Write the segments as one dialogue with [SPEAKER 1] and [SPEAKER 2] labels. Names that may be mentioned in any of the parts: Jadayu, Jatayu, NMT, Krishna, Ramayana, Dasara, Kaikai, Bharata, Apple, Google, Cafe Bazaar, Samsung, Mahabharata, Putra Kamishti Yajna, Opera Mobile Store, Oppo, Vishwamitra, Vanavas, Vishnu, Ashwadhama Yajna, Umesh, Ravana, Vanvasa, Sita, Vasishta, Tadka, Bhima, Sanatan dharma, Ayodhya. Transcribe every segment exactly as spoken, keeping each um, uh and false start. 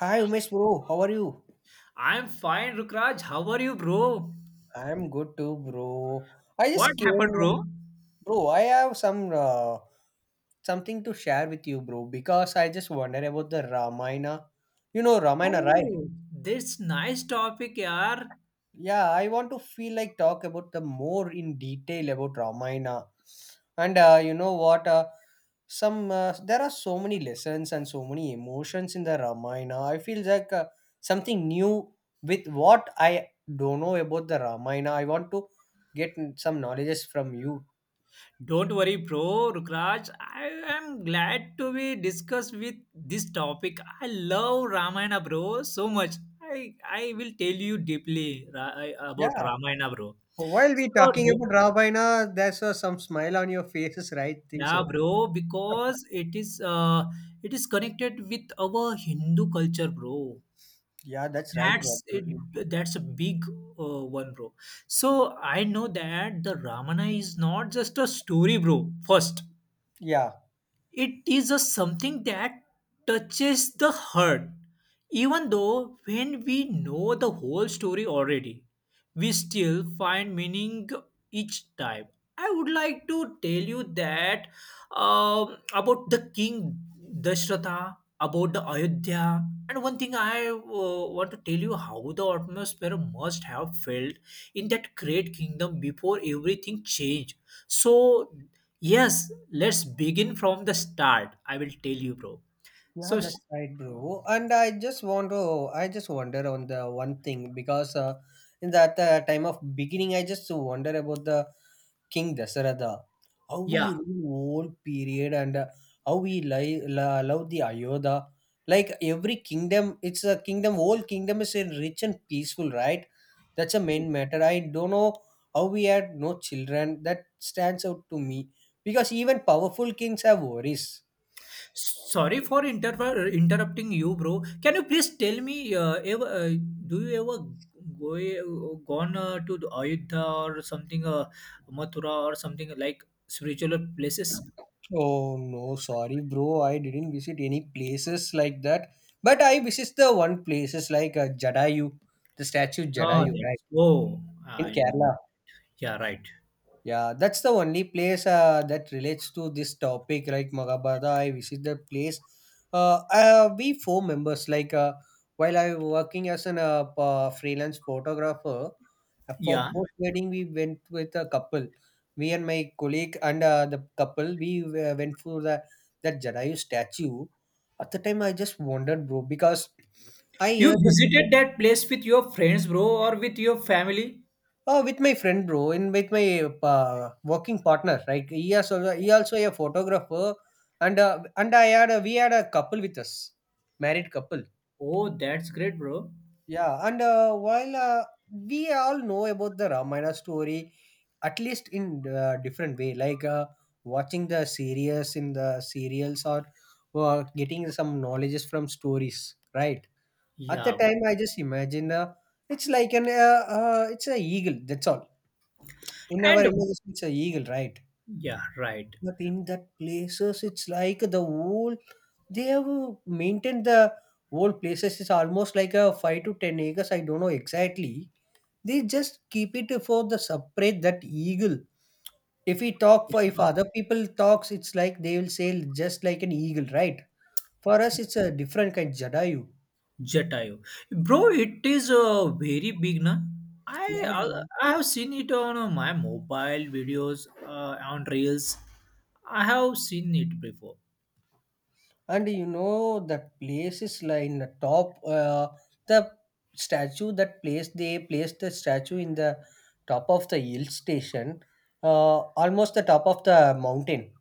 [SPEAKER 1] Hi Umesh bro, how are you?
[SPEAKER 2] I'm fine, Rukraj. How are you, bro?
[SPEAKER 1] I'm good too, bro. I
[SPEAKER 2] What
[SPEAKER 1] just
[SPEAKER 2] happened,
[SPEAKER 1] came,
[SPEAKER 2] bro?
[SPEAKER 1] bro. I have some uh, something to share with you, bro, because I just wonder about the Ramayana. You know Ramayana, right?
[SPEAKER 2] Oh, this nice topic, yaar.
[SPEAKER 1] Yeah, I want to feel like talk about the more in detail about Ramayana, and uh, you know what? Uh, some uh, there are so many lessons and so many emotions in the Ramayana. I feel like uh, something new with what I don't know about the Ramayana. I want to get some knowledges from you.
[SPEAKER 2] Don't worry, bro, Rukraj. I am glad to be discussed with this topic. I love Ramayana, bro, so much. I I will tell you deeply ra- I- about
[SPEAKER 1] Yeah,
[SPEAKER 2] Ramayana, bro.
[SPEAKER 1] while we
[SPEAKER 2] So,
[SPEAKER 1] talking
[SPEAKER 2] do-
[SPEAKER 1] about Ramayana, there's uh, some smile on your faces, right? Think
[SPEAKER 2] yeah,
[SPEAKER 1] so.
[SPEAKER 2] bro, because it is uh, it is connected with our Hindu culture, bro.
[SPEAKER 1] Yeah, that's right, bro.
[SPEAKER 2] That's it.
[SPEAKER 1] Absolutely.
[SPEAKER 2] That's a big uh, one, bro. So I know that the Ramana is not just a story, bro. First,
[SPEAKER 1] Yeah.
[SPEAKER 2] it is a something that touches the heart. Even though when we know the whole story already, we still find meaning each time. I would like to tell you that um, about the king Dashratha, about the Ayodhya, and one thing I uh, want to tell you how the atmosphere must have felt in that great kingdom before everything changed. So yes, let's begin from the start. I will tell you, bro.
[SPEAKER 1] Yeah,
[SPEAKER 2] So, s-
[SPEAKER 1] that's right, bro. And I just want to, I just wonder on the one thing because uh, in that uh, time of beginning, I just wonder about the King Dasaratha, how we
[SPEAKER 2] yeah,
[SPEAKER 1] rule whole period, and uh, how we li- la- love the Ayodhya. Like every kingdom, it's a kingdom. Whole kingdom is uh, rich and peaceful, right? That's a main matter. I don't know how we had no children. That stands out to me because even powerful kings have worries.
[SPEAKER 2] sorry for inter- interrupting you, bro. Can you please tell me, uh, ever, uh, do you ever go gone uh, to the Ayodhya or something, uh, Mathura or something like spiritual places?
[SPEAKER 1] Oh no, sorry, bro. I didn't visit any places like that. But I visit the one places like uh, Jadayu, the statue
[SPEAKER 2] Oh,
[SPEAKER 1] Jadayu, right,
[SPEAKER 2] that's, oh,
[SPEAKER 1] in
[SPEAKER 2] I know.
[SPEAKER 1] Kerala.
[SPEAKER 2] Yeah, right.
[SPEAKER 1] Yeah, that's the only place uh, that relates to this topic, like Maghabharata. I visit the place. Uh, uh, we four members, like uh, while I working as an uh, p- uh, freelance photographer, uh, for
[SPEAKER 2] Yeah.
[SPEAKER 1] post wedding we went with a couple. Me and my colleague, and uh, the couple, we uh, went for the that Jadayu statue. At the time, I just wondered, bro, because I
[SPEAKER 2] You
[SPEAKER 1] heard the,
[SPEAKER 2] visited that place with your friends, bro, or with your family?
[SPEAKER 1] oh, with my friend, bro, and with my uh, working partner, right? He is also he also a photographer, and uh, and I had a, we had a couple with us, married couple.
[SPEAKER 2] Oh, that's great, bro.
[SPEAKER 1] Yeah, and uh, while uh, we all know about the Ramayana story, at least in uh, different way, like uh, watching the series in the serials, or uh, getting some knowledges from stories, right? At the
[SPEAKER 2] Yeah,
[SPEAKER 1] time,
[SPEAKER 2] bro.
[SPEAKER 1] I just imagine, uh, it's like an uh, uh, it's a eagle. That's all. In our
[SPEAKER 2] And
[SPEAKER 1] images, it's a eagle, right?
[SPEAKER 2] yeah, right.
[SPEAKER 1] But in that places, it's like the whole they have maintained the whole places. It's almost like a five to ten acres. I don't know exactly. They just keep it for the separate that eagle. If we talk
[SPEAKER 2] Yeah,
[SPEAKER 1] for if other people talks, it's like they will say just like an eagle, right? For us, it's a different kind. Jadayu.
[SPEAKER 2] Jatayu. Bro, it is uh, very big, na? I
[SPEAKER 1] Yeah,
[SPEAKER 2] uh, I have seen it on uh, my mobile videos, uh, on reels. I have seen it before.
[SPEAKER 1] and you know that place is like in the top. Uh, the statue, that place, they placed the statue in the top of the hill station, uh, almost the top of the mountain.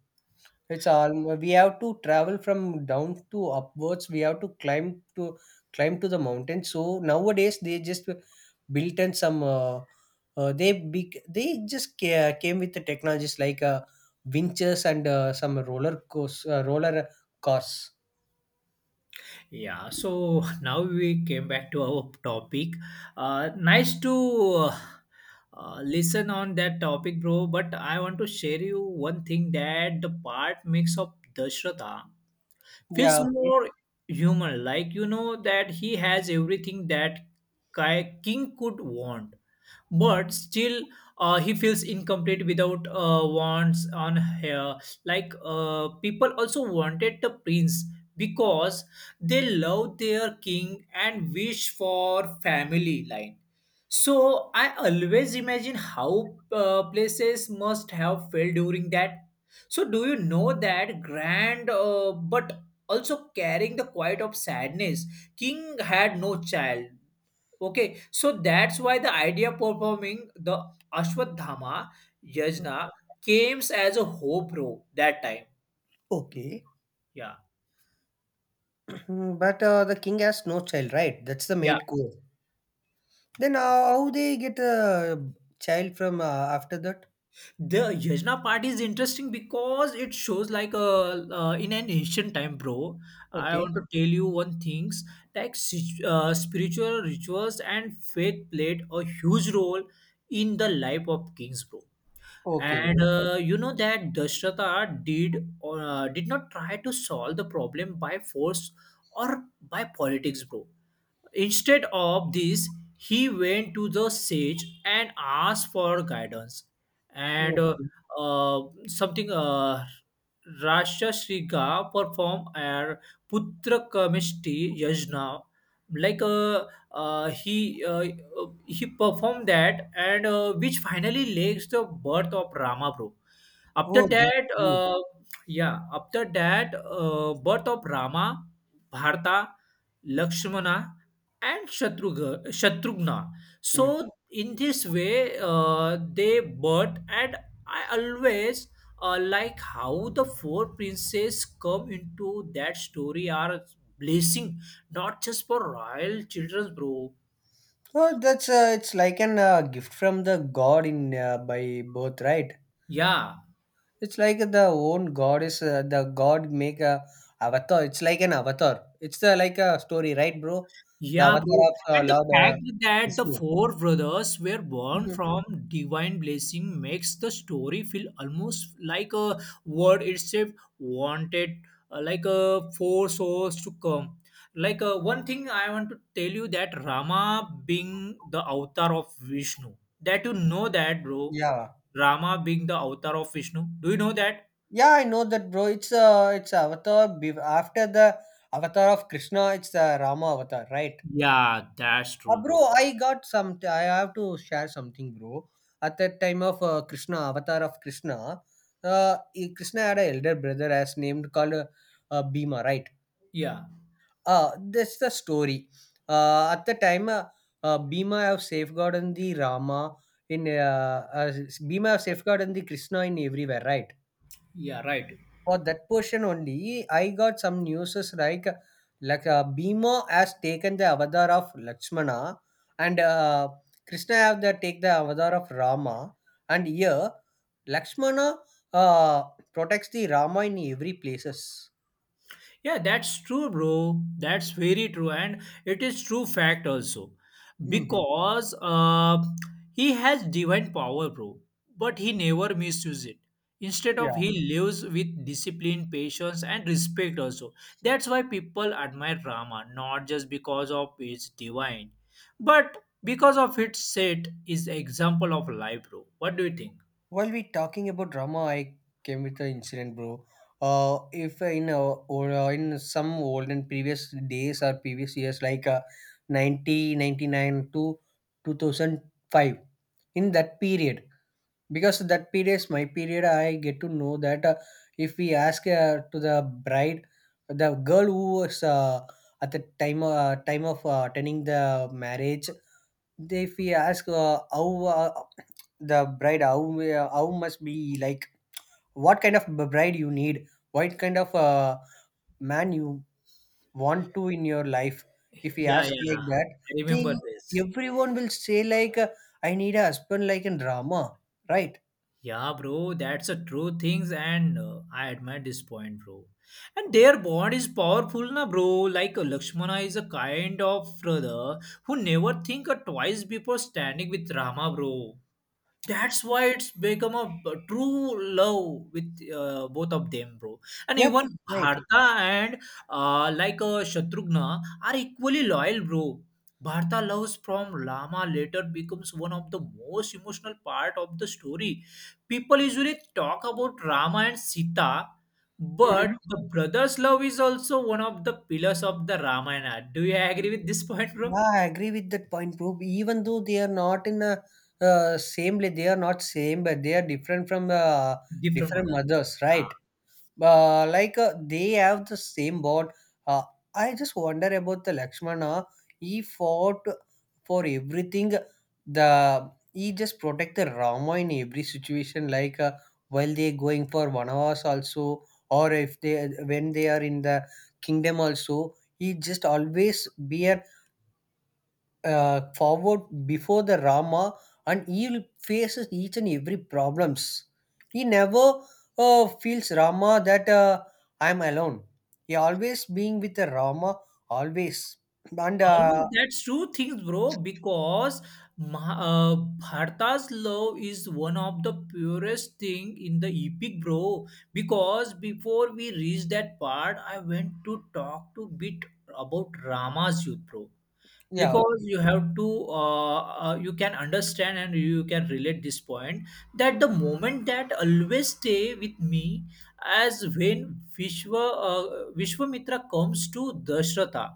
[SPEAKER 1] It's all we have to travel from down to upwards. We have to climb to climb to the mountain. So nowadays they just built in some. Uh, uh, they big they just ca- came with the technologies like uh, winches, and uh, some roller course, uh, roller cars.
[SPEAKER 2] Yeah, so now we came back to our topic. Uh, nice to uh, uh, listen on that topic, bro. But I want to share you one thing that the part makes of Dashratha feels
[SPEAKER 1] Yeah, okay.
[SPEAKER 2] more human, like you know that he has everything that Kai- king could want, but still uh, he feels incomplete without uh, wants on hair, like uh, people also wanted the prince because they love their king and wish for family line. So I always imagine how uh, places must have felt during that. So do you know that grand uh, but also carrying the quiet of sadness, king had no child. Okay, so that's why the idea of performing the Ashwadhama
[SPEAKER 1] Mm.
[SPEAKER 2] Yajna came as a hope row that time.
[SPEAKER 1] Okay.
[SPEAKER 2] Yeah.
[SPEAKER 1] But uh, the king has no child, right? That's the
[SPEAKER 2] Yeah.
[SPEAKER 1] main core. Then uh, how they get a child from uh, after that?
[SPEAKER 2] The Yajna part is interesting because it shows like a uh, in an ancient time, bro. I
[SPEAKER 1] Okay.
[SPEAKER 2] want to tell you one things like si- uh, spiritual rituals and faith played a huge role in the life of kings, bro.
[SPEAKER 1] Okay,
[SPEAKER 2] And
[SPEAKER 1] bro.
[SPEAKER 2] uh, you know that Dashratha did uh, did not try to solve the problem by force or by politics, bro. Instead of this, he went to the sage and asked for guidance. And uh,
[SPEAKER 1] Okay.
[SPEAKER 2] uh, something uh, Rashtrika performed a Putra Kamishti Yajna. Like uh, uh, he uh, he performed that, and uh, which finally leads the birth of Rama, bro. After
[SPEAKER 1] Oh, that's
[SPEAKER 2] that,
[SPEAKER 1] good.
[SPEAKER 2] uh, yeah, after that, uh, birth of Rama, Bharata, Lakshmana, and Shatrugha, Shatrugna.
[SPEAKER 1] Mm.
[SPEAKER 2] So in this way, uh, they birth, and I always uh, like how the four princes come into that story are blessing, not just for royal children, bro.
[SPEAKER 1] Oh, that's uh, it's like an uh, gift from the god, in uh, by birth, right?
[SPEAKER 2] Yeah.
[SPEAKER 1] It's like the own god is, uh, the god make a avatar. It's like an avatar. It's the like a story, right, bro? The
[SPEAKER 2] Yeah,
[SPEAKER 1] avatar
[SPEAKER 2] bro.
[SPEAKER 1] of uh,
[SPEAKER 2] And the
[SPEAKER 1] Lord uh,
[SPEAKER 2] fact that the
[SPEAKER 1] Vishnu.
[SPEAKER 2] four brothers were born
[SPEAKER 1] Mhm.
[SPEAKER 2] from divine blessing makes the story feel almost like a word itself wanted, uh, like a four souls to come. Like uh, one thing I want to tell you, that Rama being the avatar of Vishnu. That you know that, bro.
[SPEAKER 1] Yeah.
[SPEAKER 2] Rama being the avatar of Vishnu. Do you know that?
[SPEAKER 1] Yeah, I know that, bro. It's, uh, it's Avatar be- after the Avatar of Krishna. It's the Rama Avatar, right?
[SPEAKER 2] Yeah, that's
[SPEAKER 1] Uh,
[SPEAKER 2] true, bro.
[SPEAKER 1] bro, I got some. I have to share something, bro. At that time of uh, Krishna, Avatar of Krishna, uh, he- Krishna had an elder brother as named called uh, uh, Bhima, right?
[SPEAKER 2] Yeah,
[SPEAKER 1] Uh, that's the story. Uh, at the time, uh, uh, Bhima have safeguarded the Rama, in uh, uh, Bhima have safeguarded the Krishna in everywhere, right?
[SPEAKER 2] yeah, right.
[SPEAKER 1] For that portion only, I got some news like, like uh, Bhima has taken the avatar of Lakshmana, and uh, Krishna have the take the avatar of Rama, and here Lakshmana uh, protects the Rama in every places.
[SPEAKER 2] Yeah, that's true, bro. That's very true, and it is true fact also,
[SPEAKER 1] Hmm.
[SPEAKER 2] because uh, he has divine power, bro. But he never misuses it. Instead of
[SPEAKER 1] Yeah.
[SPEAKER 2] he lives with discipline, patience, and respect also. That's why people admire Rama, not just because of his divine, but because of its set is example of life, bro. What do you think?
[SPEAKER 1] While we talking about drama, I came with an incident, bro. Uh, if in uh, or uh, in some old and previous days, or previous years, like uh, nineteen ninety-nine to two thousand five, in that period, because that period is my period, I get to know that, uh, if we ask uh, to the bride, the girl who was uh, at the time uh, time of uh, attending the marriage, they- if we ask uh, how uh, the bride how uh, how must be like, what kind of b- bride you need, what kind of uh, man you want to in your life, if we
[SPEAKER 2] Yeah,
[SPEAKER 1] ask
[SPEAKER 2] yeah,
[SPEAKER 1] like that,
[SPEAKER 2] I
[SPEAKER 1] they,
[SPEAKER 2] remember this.
[SPEAKER 1] everyone will say like, uh, I need a husband like in drama, right?
[SPEAKER 2] Yeah, bro, that's a true things, and uh, I admire this point, bro. And their bond is powerful, na, bro. Like uh, Lakshmana is a kind of brother who never think uh, twice before standing with Rama, bro. That's why it's become a b- true love with uh, both of them, bro. And
[SPEAKER 1] Yes,
[SPEAKER 2] even
[SPEAKER 1] right.
[SPEAKER 2] Bharta and uh, like uh, Shatrughna are equally loyal, bro. Bharta loves from Lama later becomes one of the most emotional part of the story. People usually talk about Rama and Sita, but
[SPEAKER 1] Mhm.
[SPEAKER 2] the brothers love is also one of the pillars of the Ramayana. Do you agree with this point, bro?
[SPEAKER 1] Yeah, I agree with that point, bro. Even though they are not in a uh, same la- they are not same, but they are different from uh,
[SPEAKER 2] Different
[SPEAKER 1] different
[SPEAKER 2] mother.
[SPEAKER 1] mothers,
[SPEAKER 2] Yeah.
[SPEAKER 1] right? Uh, like, uh, they have the same bond. Uh, I just wonder about the Lakshmana. He fought for everything. The he just protect the Rama in every situation. Like, uh, while they going for Vanavas also, or if they when they are in the kingdom also, he just always be a uh, forward before the Rama, and he faces each and every problems. He never uh, feels Rama that, uh, I'm alone. He always being with the Rama always. And
[SPEAKER 2] Always,
[SPEAKER 1] uh,
[SPEAKER 2] that's true things, bro, because Ma- uh, Bharta's love is one of the purest thing in the epic, bro. Because before we reached that part, I went to talk to bit about Rama's youth, bro.
[SPEAKER 1] yeah,
[SPEAKER 2] Because you have to, uh, uh, you can understand and you can relate this point that the moment that always stay with me as when Vishwa, uh, Vishwamitra comes to Dashratha.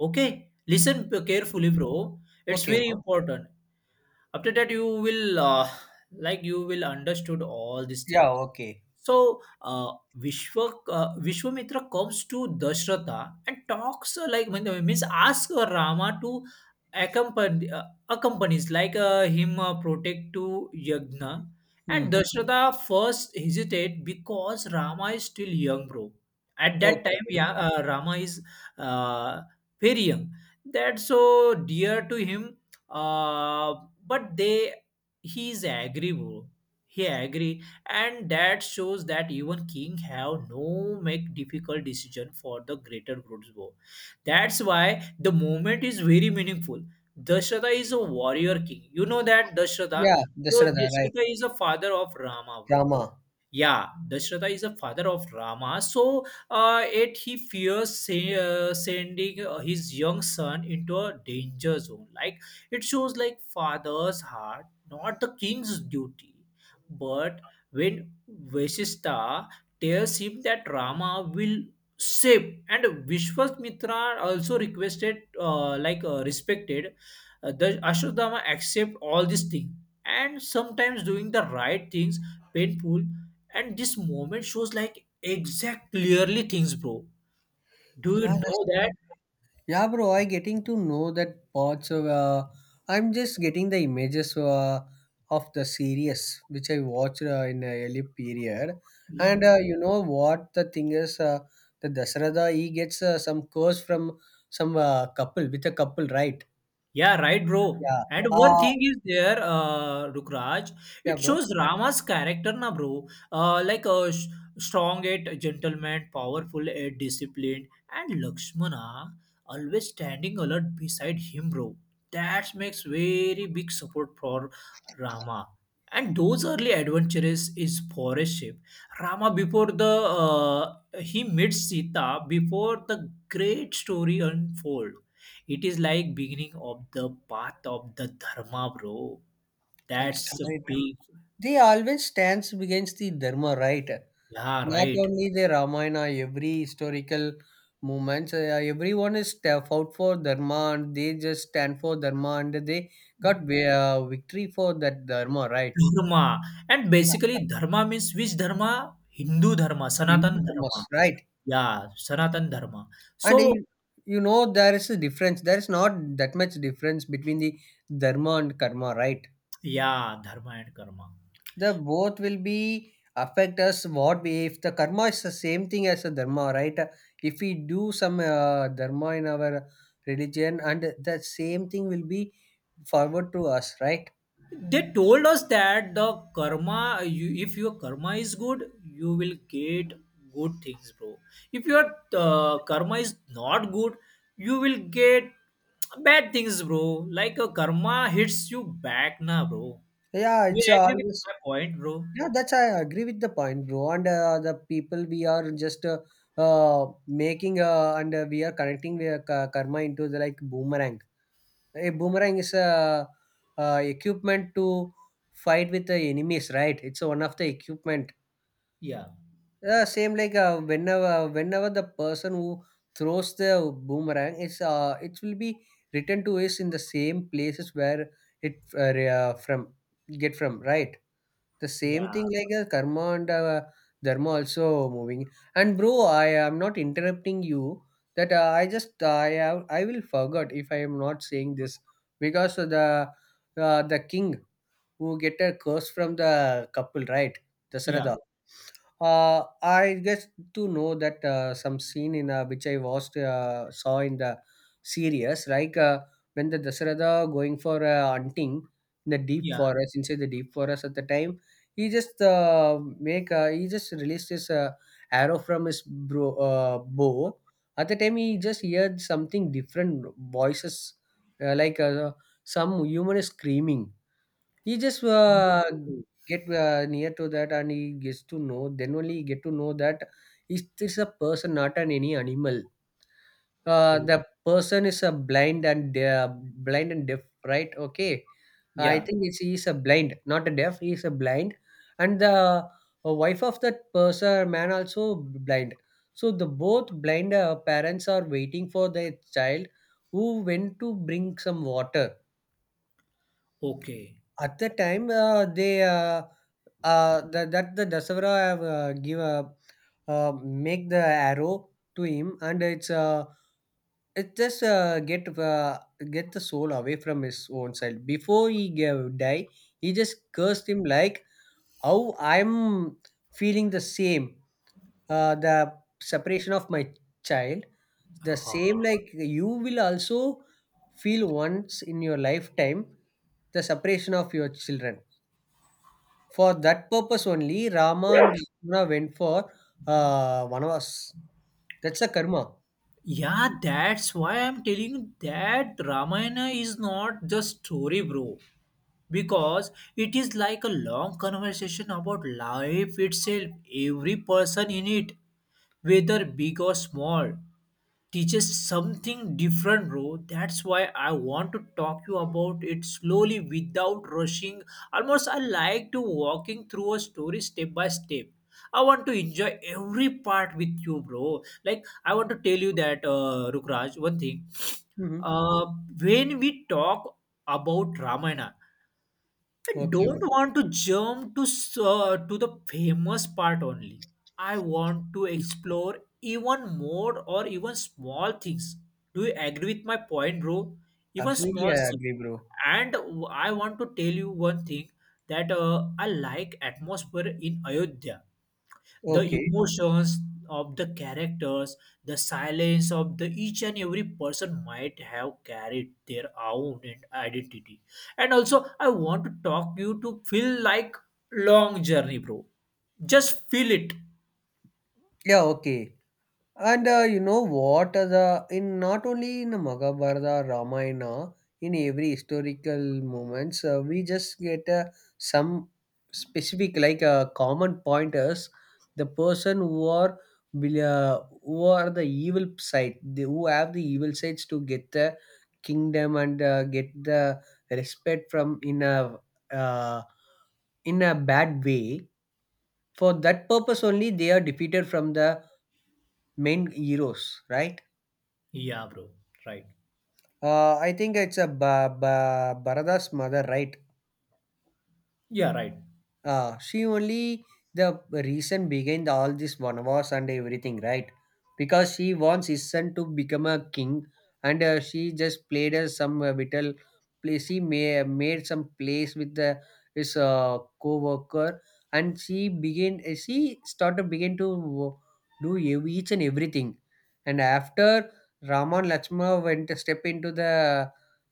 [SPEAKER 2] Okay, listen p- carefully, bro. It's
[SPEAKER 1] okay,
[SPEAKER 2] very
[SPEAKER 1] bro.
[SPEAKER 2] important. After that, you will uh, like you will understood all these things.
[SPEAKER 1] Yeah, okay.
[SPEAKER 2] So uh, Vishwa, uh, Vishwamitra comes to Dashratha and talks uh, like when- means ask uh, Rama to accompany uh, accompanies like uh, him uh, protect to Yagna, and
[SPEAKER 1] Hmm.
[SPEAKER 2] Dashratha first hesitate because Rama is still young, bro. At that
[SPEAKER 1] Okay,
[SPEAKER 2] time,
[SPEAKER 1] bro.
[SPEAKER 2] yeah, uh, Rama is uh, very young, that's so dear to him. Uh, but they he is agree, bro. He agree, and that shows that even king have no make difficult decision for the greater Grudzbo. That's why the moment is very meaningful. Dashrata is a warrior king. You know that Dashrata.
[SPEAKER 1] Yeah,
[SPEAKER 2] So
[SPEAKER 1] Dasrada, right?
[SPEAKER 2] Dashrata is a father of Rama, bro.
[SPEAKER 1] Rama.
[SPEAKER 2] Yeah, Dashrata is the father of Rama, so uh, yet he fears say, uh, sending uh, his young son into a danger zone, like it shows like father's heart, not the king's duty. But when Vasishta tells him that Rama will save, and Vishwamitra also requested, uh, like uh, respected uh, the Ashwadama, accept all these things, and sometimes doing the right things painful, and this moment shows like exact clearly things, bro. Do you
[SPEAKER 1] Yeah, that's
[SPEAKER 2] know that?
[SPEAKER 1] right. Yeah, bro, I getting to know that parts of. Uh, I'm just getting the images uh, of the series which I watched uh, in a early period, and uh, you know what the thing is, uh, the Dasarada, he gets uh, some curse from some uh, couple with a couple, right?
[SPEAKER 2] Yeah, right, bro.
[SPEAKER 1] Yeah.
[SPEAKER 2] And one
[SPEAKER 1] Uh,
[SPEAKER 2] thing is there, uh, Rukraj,
[SPEAKER 1] yeah,
[SPEAKER 2] it
[SPEAKER 1] bro.
[SPEAKER 2] shows Rama's character, na, bro. Uh, like a sh- strong at gentleman, powerful at disciplined, and Lakshmana always standing alert beside him, bro. That makes very big support for Rama. And those early adventures is forest ship. Rama before the uh, he meets Sita before the great story unfold. It is like beginning of the path of the dharma, bro.
[SPEAKER 1] That's
[SPEAKER 2] That's a
[SPEAKER 1] right.
[SPEAKER 2] big,
[SPEAKER 1] They always stands against the dharma, right?
[SPEAKER 2] yeah,
[SPEAKER 1] Not
[SPEAKER 2] right.
[SPEAKER 1] only the Ramayana, every historical moments, uh, everyone is step out for Dharma, and they just stand for Dharma, and they got vi- uh, victory for that Dharma, right?
[SPEAKER 2] Dharma. And
[SPEAKER 1] Yeah.
[SPEAKER 2] basically, dharma means which dharma? Hindu dharma, Sanatan
[SPEAKER 1] Hindu dharmas,
[SPEAKER 2] dharma.
[SPEAKER 1] right?
[SPEAKER 2] Yeah, Sanatan dharma.
[SPEAKER 1] And
[SPEAKER 2] So,
[SPEAKER 1] you, you know there is a difference. There is not that much difference between the Dharma and Karma, right?
[SPEAKER 2] yeah, dharma and karma.
[SPEAKER 1] The both will be affect us what we if the karma is the same thing as a dharma, right? If we do some uh, dharma in our religion, and the same thing will be forward to us, right?
[SPEAKER 2] They told us that the karma, you, if your karma is good, you will get good things, bro. If your uh, karma is not good, you will get bad things, bro. Like a karma hits you back, na, bro.
[SPEAKER 1] Yeah,
[SPEAKER 2] You
[SPEAKER 1] it's uh,
[SPEAKER 2] agree with
[SPEAKER 1] always.
[SPEAKER 2] my point, bro?
[SPEAKER 1] Yeah, that's I agree with the point, bro. And uh, the people, we are just, uh, uh making, uh, and uh, we are connecting the ka- karma into the like boomerang. A boomerang is a uh, equipment to fight with the enemies, right? It's one of the equipment.
[SPEAKER 2] Yeah,
[SPEAKER 1] Yeah, same like, uh, whenever whenever the person who throws the boomerang is uh, it will be returned to us in the same places where it, uh, re- uh, from get from, right. The same
[SPEAKER 2] yeah,
[SPEAKER 1] thing like, uh, karma and uh, dharma also moving. And bro, I am not interrupting you. That, uh, I just uh, I have I will forget if I am not saying this, because the uh, the king who get a curse from the couple, right,
[SPEAKER 2] yeah,
[SPEAKER 1] Dasarada. uh, I guess to know that, uh, some scene in, uh, which I watched uh, saw in the series, like, uh, when the Dasarada going for uh, hunting in the deep
[SPEAKER 2] yeah,
[SPEAKER 1] forest, inside the deep forest. At the time, he just uh, make uh, he just released his uh, arrow from his bro- uh, bow. At the time, he just heard something different voices, uh, like, uh, some human is screaming. He just uh, get uh, near to that, and he gets to know, then only he get to know that it is this a person, not an any animal. Uh, the person is a blind, and uh, blind and deaf, right? Okay, I
[SPEAKER 2] yeah.
[SPEAKER 1] think it's, he's a blind, not a deaf. He's a blind, and the uh, wife of that person man also blind. So the both blind uh, parents are waiting for their child who went to bring some water.
[SPEAKER 2] Okay.
[SPEAKER 1] At the time, uh, they uh, uh, that that the Dasavara have, uh, give a uh, make the arrow to him, and it's uh, it just uh, get uh, get the soul away from his own side. Before he gave, die, he just cursed him like how I'm feeling the same, uh, the separation of my child, the same like you will also feel once in your lifetime the separation of your children for that purpose only, Rama and Lakshmana went for uh, Vanavas. That's a karma.
[SPEAKER 2] Yeah, that's why I'm telling you that Ramayana is not just story, bro, because it is like a long conversation about life itself. Every person in it, whether big or small, teaches something different, bro. That's why I want to talk you about it slowly without rushing. Almost I like to walking through a story step by step. I want to enjoy every part with you, bro. Like I want to tell you that, uh, Rukraj, one thing.
[SPEAKER 1] Hmm.
[SPEAKER 2] Uh, when we talk about Ramayana, I
[SPEAKER 1] Okay,
[SPEAKER 2] don't
[SPEAKER 1] bro.
[SPEAKER 2] want to jump to s- uh, to the famous part only. I want to explore even more or even small things. Do you agree with my point, bro? Even small
[SPEAKER 1] Absolutely, I
[SPEAKER 2] things.
[SPEAKER 1] agree, bro.
[SPEAKER 2] And I want to tell you one thing that uh, I like atmosphere in Ayodhya, the
[SPEAKER 1] Okay.
[SPEAKER 2] emotions of the characters, the silence of the each and every person might have carried their own and identity. And also, I want to talk you to feel like long journey, bro. Just feel it.
[SPEAKER 1] Yeah, okay. And uh, you know what? uh, The in not only in the Maghabharata, Ramayana, in every historical moments, uh, we just get uh, some specific like uh, common pointers. The person who are will, uh, who are the evil side, they, who have the evil sides to get the kingdom and uh, get the respect from in a uh, in a bad way. For that purpose only, they are defeated from the main heroes, right?
[SPEAKER 2] Yeah, bro. Right.
[SPEAKER 1] Uh, I think it's a ba- ba- Bharada's mother, right?
[SPEAKER 2] Yeah, right.
[SPEAKER 1] Uh, she only the reason behind all this wars and everything, right? Because she wants his son to become a king, and uh, she just played as some uh, little place. She may, made some place with the his uh, co-worker, and she began. uh, She started begin to wo- do ev- each and everything, and after Rama and Lakshmana went to step into the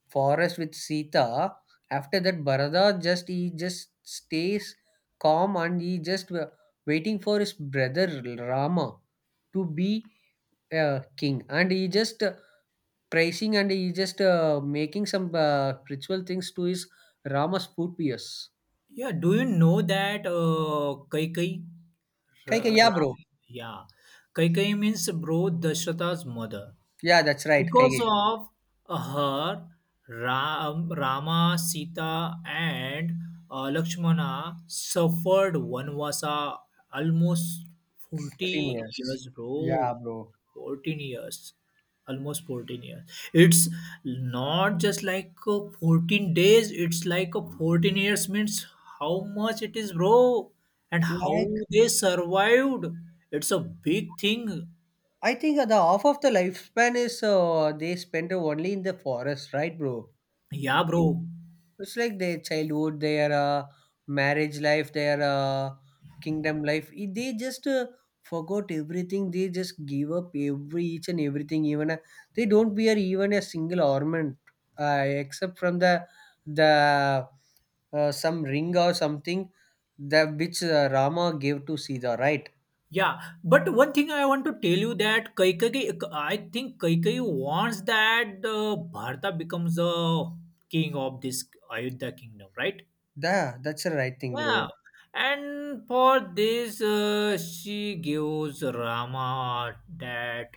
[SPEAKER 1] forest with Sita, after that Bharata just he just stays calm and he just wa- waiting for his brother Rama to be uh, king and he just uh, praising and he just uh, making some uh, ritual things to his Rama's foot pierce.
[SPEAKER 2] Yeah. Do you know that uh, Kai Kai?
[SPEAKER 1] Kaikai,
[SPEAKER 2] Ra-
[SPEAKER 1] yeah, bro.
[SPEAKER 2] Ra- yeah. Kai Kai means bro Dashrata's mother,
[SPEAKER 1] Yeah, that's right.
[SPEAKER 2] because
[SPEAKER 1] Kaikai,
[SPEAKER 2] of uh, her Ram, Rama, Sita, and uh, Lakshmana suffered Vanvasa almost forty
[SPEAKER 1] fourteen years.
[SPEAKER 2] years, bro.
[SPEAKER 1] Yeah, bro.
[SPEAKER 2] fourteen years. Almost fourteen years. It's not just like uh, fourteen days, it's like uh, fourteen years means how much it is, bro, and how
[SPEAKER 1] Like,
[SPEAKER 2] they survived. It's a big thing.
[SPEAKER 1] I think the half of the lifespan is uh, they spend only in the forest, right, bro?
[SPEAKER 2] Yeah, bro.
[SPEAKER 1] It's like their childhood, their uh, marriage life, their uh, kingdom life. I- They just uh, forgot everything. They just give up every each and everything. Even a, they don't wear even a single ornament, uh, except from the the uh, some ring or something that which uh, Rama gave to Sita. Right?
[SPEAKER 2] Yeah, but one thing I want to tell you that Kaikai, I think Kaikai wants that uh, Bharata becomes the king of this Ayodhya kingdom, right?
[SPEAKER 1] Da, that's the right thing,
[SPEAKER 2] Yeah,
[SPEAKER 1] bro.
[SPEAKER 2] and for this, uh, she gives Rama that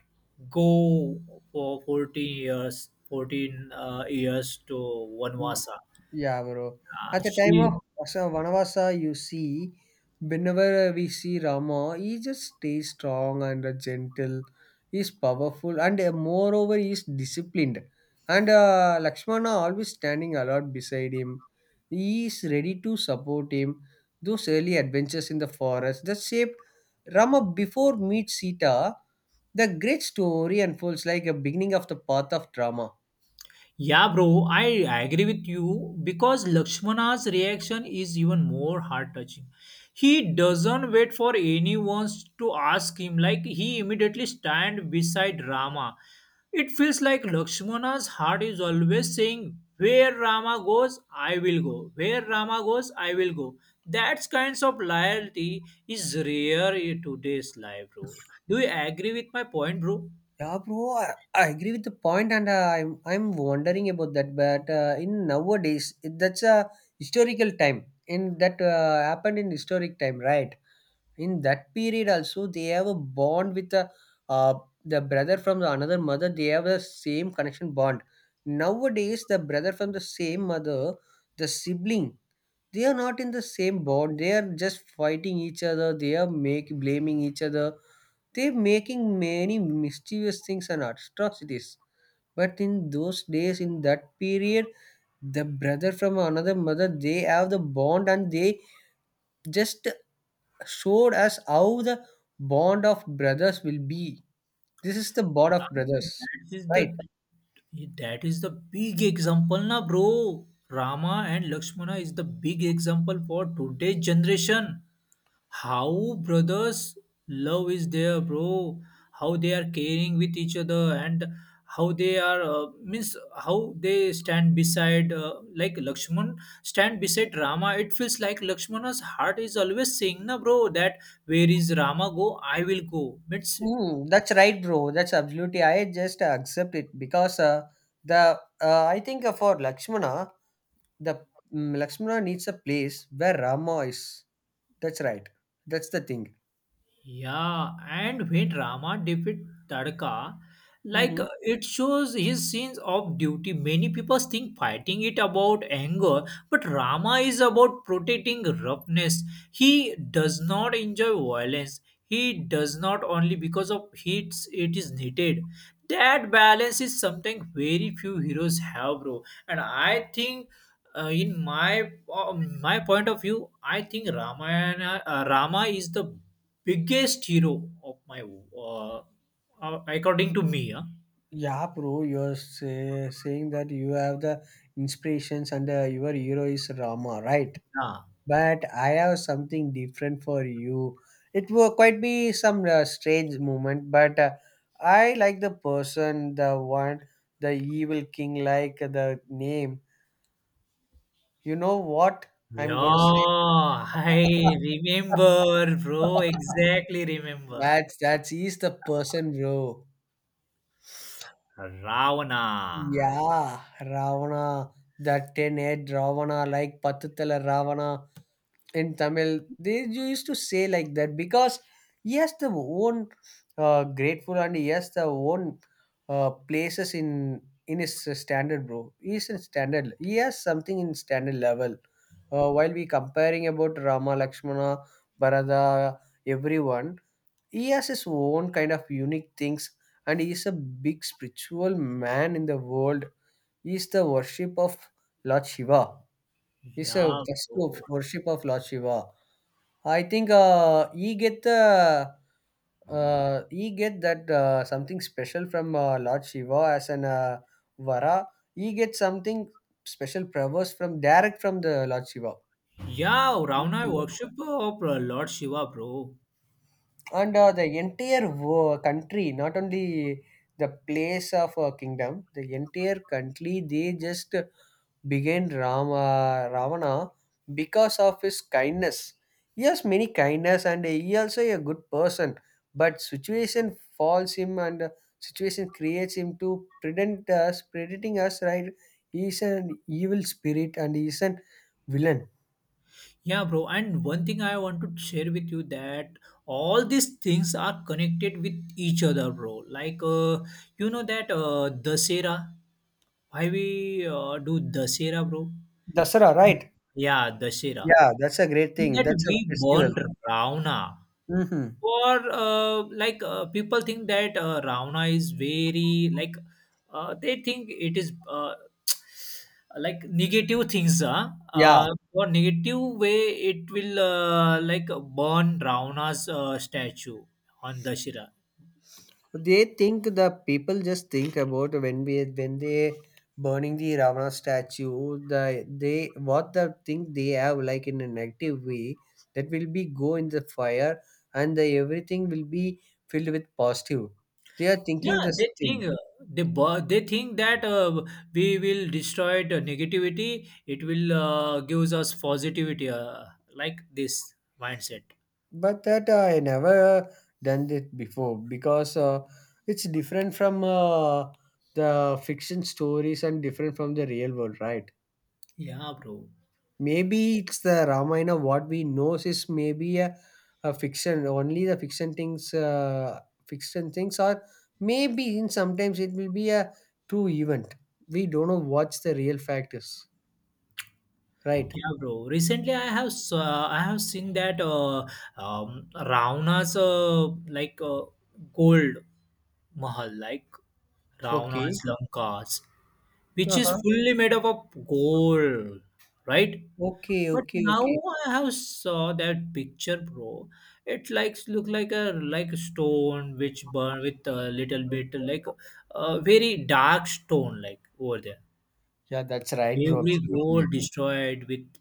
[SPEAKER 2] go for fourteen years, fourteen uh, years to Vanvasa.
[SPEAKER 1] Yeah, bro. At
[SPEAKER 2] Uh,
[SPEAKER 1] the time of
[SPEAKER 2] she
[SPEAKER 1] Asa- Vanavasa, you see, whenever we see Rama, he just stays strong and uh, gentle. He's powerful, and uh, moreover, he's disciplined. And uh, Lakshmana always standing alert beside him. He is ready to support him. Those early adventures in the forest that shaped Rama before meets Sita. The great story unfolds like a beginning of the path of drama.
[SPEAKER 2] Yeah, bro, I agree with you because Lakshmana's reaction is even more heart touching. He doesn't wait for anyone to ask him, like, he immediately stand beside Rama. It feels like Lakshmana's heart is always saying, "Where Rama goes, I will go. Where Rama goes, I will go." That kinds of loyalty is rare in today's life, bro. Do you agree with my point, bro?
[SPEAKER 1] Yeah, bro, I, I agree with the point, and uh, I'm I'm wondering about that. But uh, in nowadays, it- that's a historical time. In that uh, happened in historic time, right? In that period, also they have a bond with the uh, the brother from the another mother. They have the same connection bond. Nowadays, the brother from the same mother, the sibling, they are not in the same bond. They are just fighting each other. They are make blaming each other they're making many mischievous things and atrocities. But in those days, in that period, the brother from another mother, they have the bond and they just showed us how the bond of brothers will be. This is the bond of brothers,
[SPEAKER 2] That is the
[SPEAKER 1] right?
[SPEAKER 2] that is the big example na bro. Rama and Lakshmana is the big example for today's generation. How brothers love is there, bro. How they are caring with each other and how they are uh, means how they stand beside uh, like Lakshman stand beside Rama. It feels like Lakshmana's heart is always saying na bro that where is Rama go I will go. Means
[SPEAKER 1] Hmm, that's right, bro. That's absolutely. I just accept it because uh, the uh, I think uh, for Lakshmana, the mm Lakshmana needs a place where Rama is. That's right. That's the thing.
[SPEAKER 2] yeah, and when Rama defeat Tadka, like
[SPEAKER 1] Mhm.
[SPEAKER 2] uh, it shows his sense of duty. Many people think fighting it about anger, but Rama is about protecting roughness. He does not enjoy violence. He does not only because of hits it is needed. That balance is something very few heroes have, bro. And I think uh, in my uh, my point of view, I think Ramayana uh, Rama is the biggest hero of my, uh, uh, according to me, huh?
[SPEAKER 1] Yeah, bro, you're say, saying that you have the inspirations and uh, your hero is Rama, right?
[SPEAKER 2] Yeah.
[SPEAKER 1] But I have something different for you. It will quite be some uh, strange moment, but uh, I like the person, the one, the evil king, like the name. You know what
[SPEAKER 2] Yeah,
[SPEAKER 1] I'm gonna say?
[SPEAKER 2] I remember, bro. Exactly remember.
[SPEAKER 1] That's that's he's the person, bro.
[SPEAKER 2] Ravana.
[SPEAKER 1] Yeah, Ravana, that ten-head Ravana, like Patutala Ravana in Tamil. They used to say like that because he has the own uh, grateful and he has the own uh, places in in his standard, bro. He is in standard. He has something in standard level. Uh, while we comparing about Rama, Lakshmana, Bharata, everyone, he has his own kind of unique things, and he is a big spiritual man in the world is the worship of Lord Shiva. It's a
[SPEAKER 2] Yeah,
[SPEAKER 1] festival of
[SPEAKER 2] bro.
[SPEAKER 1] worship of Lord Shiva. I think uh, he get the uh, he get that uh, something special from uh, Lord Shiva as an uh, vara. He get something special prayers from direct from the Lord Shiva.
[SPEAKER 2] Yeah, Ravana worship of uh, Lord Shiva, bro.
[SPEAKER 1] And uh, the entire wo- country, not only the place of uh, kingdom, the entire country, they just began Rama, Ravana because of his kindness. He has many kindness and he also a good person. But situation falls him and situation creates him to prevent us, predating us, right? He is an evil spirit and he is an villain.
[SPEAKER 2] Yeah, bro. And one thing I want to share with you that all these things are connected with each other, bro. Like, uh, you know that uh, Dasera. Why we uh, do Dasera, bro?
[SPEAKER 1] Dasara, right?
[SPEAKER 2] Yeah, Dashera.
[SPEAKER 1] Yeah, that's a great
[SPEAKER 2] In
[SPEAKER 1] thing.
[SPEAKER 2] that
[SPEAKER 1] That's a
[SPEAKER 2] we
[SPEAKER 1] festival.
[SPEAKER 2] burned Ravana.
[SPEAKER 1] Hmm.
[SPEAKER 2] Or uh, like uh, people think that uh, Ravana is very like uh, they think it is uh, like negative things. Huh?
[SPEAKER 1] Yeah,
[SPEAKER 2] Uh, or negative way it will uh, like burn Ravana's uh, statue on Dashera.
[SPEAKER 1] they think the people just think about when we when they burning the Ravana statue, the they what the think they have like in a negative way that will be go in the fire and the everything will be filled with positive. They are
[SPEAKER 2] Yeah,
[SPEAKER 1] thinking this
[SPEAKER 2] they think
[SPEAKER 1] thing,
[SPEAKER 2] uh, they bo- they think that uh, we will destroy the negativity. It will uh, gives us positivity, uh, like this mindset.
[SPEAKER 1] but that uh, I never done it before because uh, it's different from uh, the fiction stories and different from the real world, right?
[SPEAKER 2] Yeah, bro.
[SPEAKER 1] Maybe it's the Ramayana. What we know is maybe a, a fiction. Only the fiction things, uh, fiction things, or maybe in sometimes it will be a true event. We don't know what's the real fact is. Right?
[SPEAKER 2] Yeah, bro. Recently, I have s- uh, I have seen that uh, um, Ravanas uh, like uh, gold mahal, like Ravanas
[SPEAKER 1] Okay.
[SPEAKER 2] Lankas, which
[SPEAKER 1] Uh
[SPEAKER 2] is
[SPEAKER 1] huh.
[SPEAKER 2] fully made up of gold, right?
[SPEAKER 1] Okay.
[SPEAKER 2] But
[SPEAKER 1] Okay.
[SPEAKER 2] now
[SPEAKER 1] Okay.
[SPEAKER 2] I have saw that picture, bro. It likes look like a like a stone which burn with a little bit like a very dark stone like over there.
[SPEAKER 1] Yeah, that's right, bro.
[SPEAKER 2] Every
[SPEAKER 1] Absolutely.
[SPEAKER 2] gold destroyed with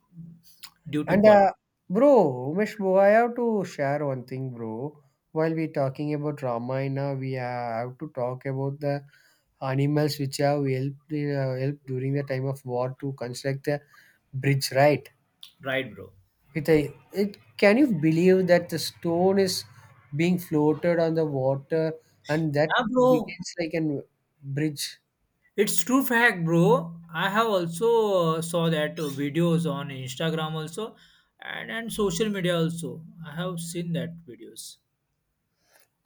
[SPEAKER 2] due to
[SPEAKER 1] And
[SPEAKER 2] burn,
[SPEAKER 1] uh, bro, Umesh, bro, I have to share one thing, bro. While we talking about Ramayana, we have to talk about the animals which have helped in, uh, helped during the time of war to construct the bridge, right?
[SPEAKER 2] right, bro?
[SPEAKER 1] With a, it, can you believe that the stone is being floated on the water and that
[SPEAKER 2] Yeah, bro.
[SPEAKER 1] begins like a bridge?
[SPEAKER 2] It's true fact, bro. I have also uh, saw that uh, videos on Instagram also and and social media also. I have seen that videos.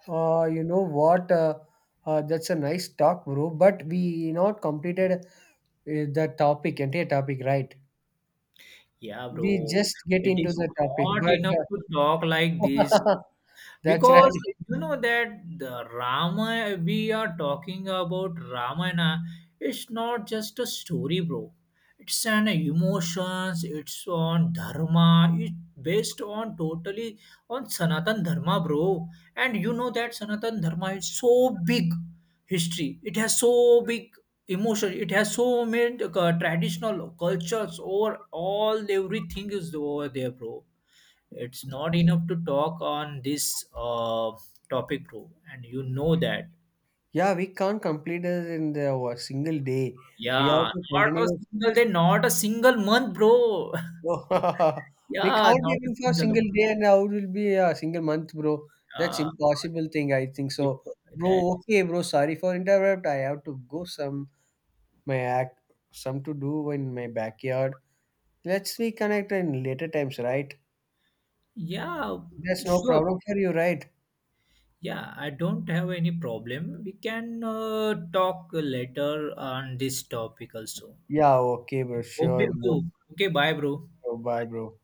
[SPEAKER 1] Uh, you know what? Uh, uh, that's a nice talk, bro. But we not completed eh, the topic, entire topic, right?
[SPEAKER 2] Yeah,
[SPEAKER 1] We
[SPEAKER 2] bro.
[SPEAKER 1] just get
[SPEAKER 2] It
[SPEAKER 1] into
[SPEAKER 2] is
[SPEAKER 1] the topic,
[SPEAKER 2] not
[SPEAKER 1] but
[SPEAKER 2] enough to talk like this
[SPEAKER 1] uh, that's
[SPEAKER 2] because
[SPEAKER 1] right.
[SPEAKER 2] you know that the rama we are talking about ramayana it's not just a story bro it's an emotions it's on dharma it's based on totally on sanatan dharma bro and you know that sanatan dharma is so big history it has so big emotion it has so many uh, traditional cultures or all everything is over there bro it's not enough to talk on this uh, topic, bro. And you know that.
[SPEAKER 1] Yeah, we can't complete it in the a single day. We have
[SPEAKER 2] Yeah,
[SPEAKER 1] to
[SPEAKER 2] not a
[SPEAKER 1] continue.
[SPEAKER 2] single day, not a single month, bro.
[SPEAKER 1] We
[SPEAKER 2] Yeah,
[SPEAKER 1] can't
[SPEAKER 2] not a
[SPEAKER 1] even for
[SPEAKER 2] single
[SPEAKER 1] single
[SPEAKER 2] month.
[SPEAKER 1] day, and how it will be a single month, bro. That's
[SPEAKER 2] Uh,
[SPEAKER 1] impossible thing. I think
[SPEAKER 2] if
[SPEAKER 1] so, bro.
[SPEAKER 2] that,
[SPEAKER 1] Okay, bro. Sorry for interrupt. I have to go some my act, some to do in my backyard. Let's reconnect in later times, right?
[SPEAKER 2] yeah,
[SPEAKER 1] That's no
[SPEAKER 2] sure.
[SPEAKER 1] problem for you, right?
[SPEAKER 2] Yeah, I don't have any problem. We can uh, talk later on this topic also.
[SPEAKER 1] Yeah, okay, bro. Sure,
[SPEAKER 2] Okay,
[SPEAKER 1] bro.
[SPEAKER 2] bro. Okay, bye, bro.
[SPEAKER 1] Sure, bye, bro.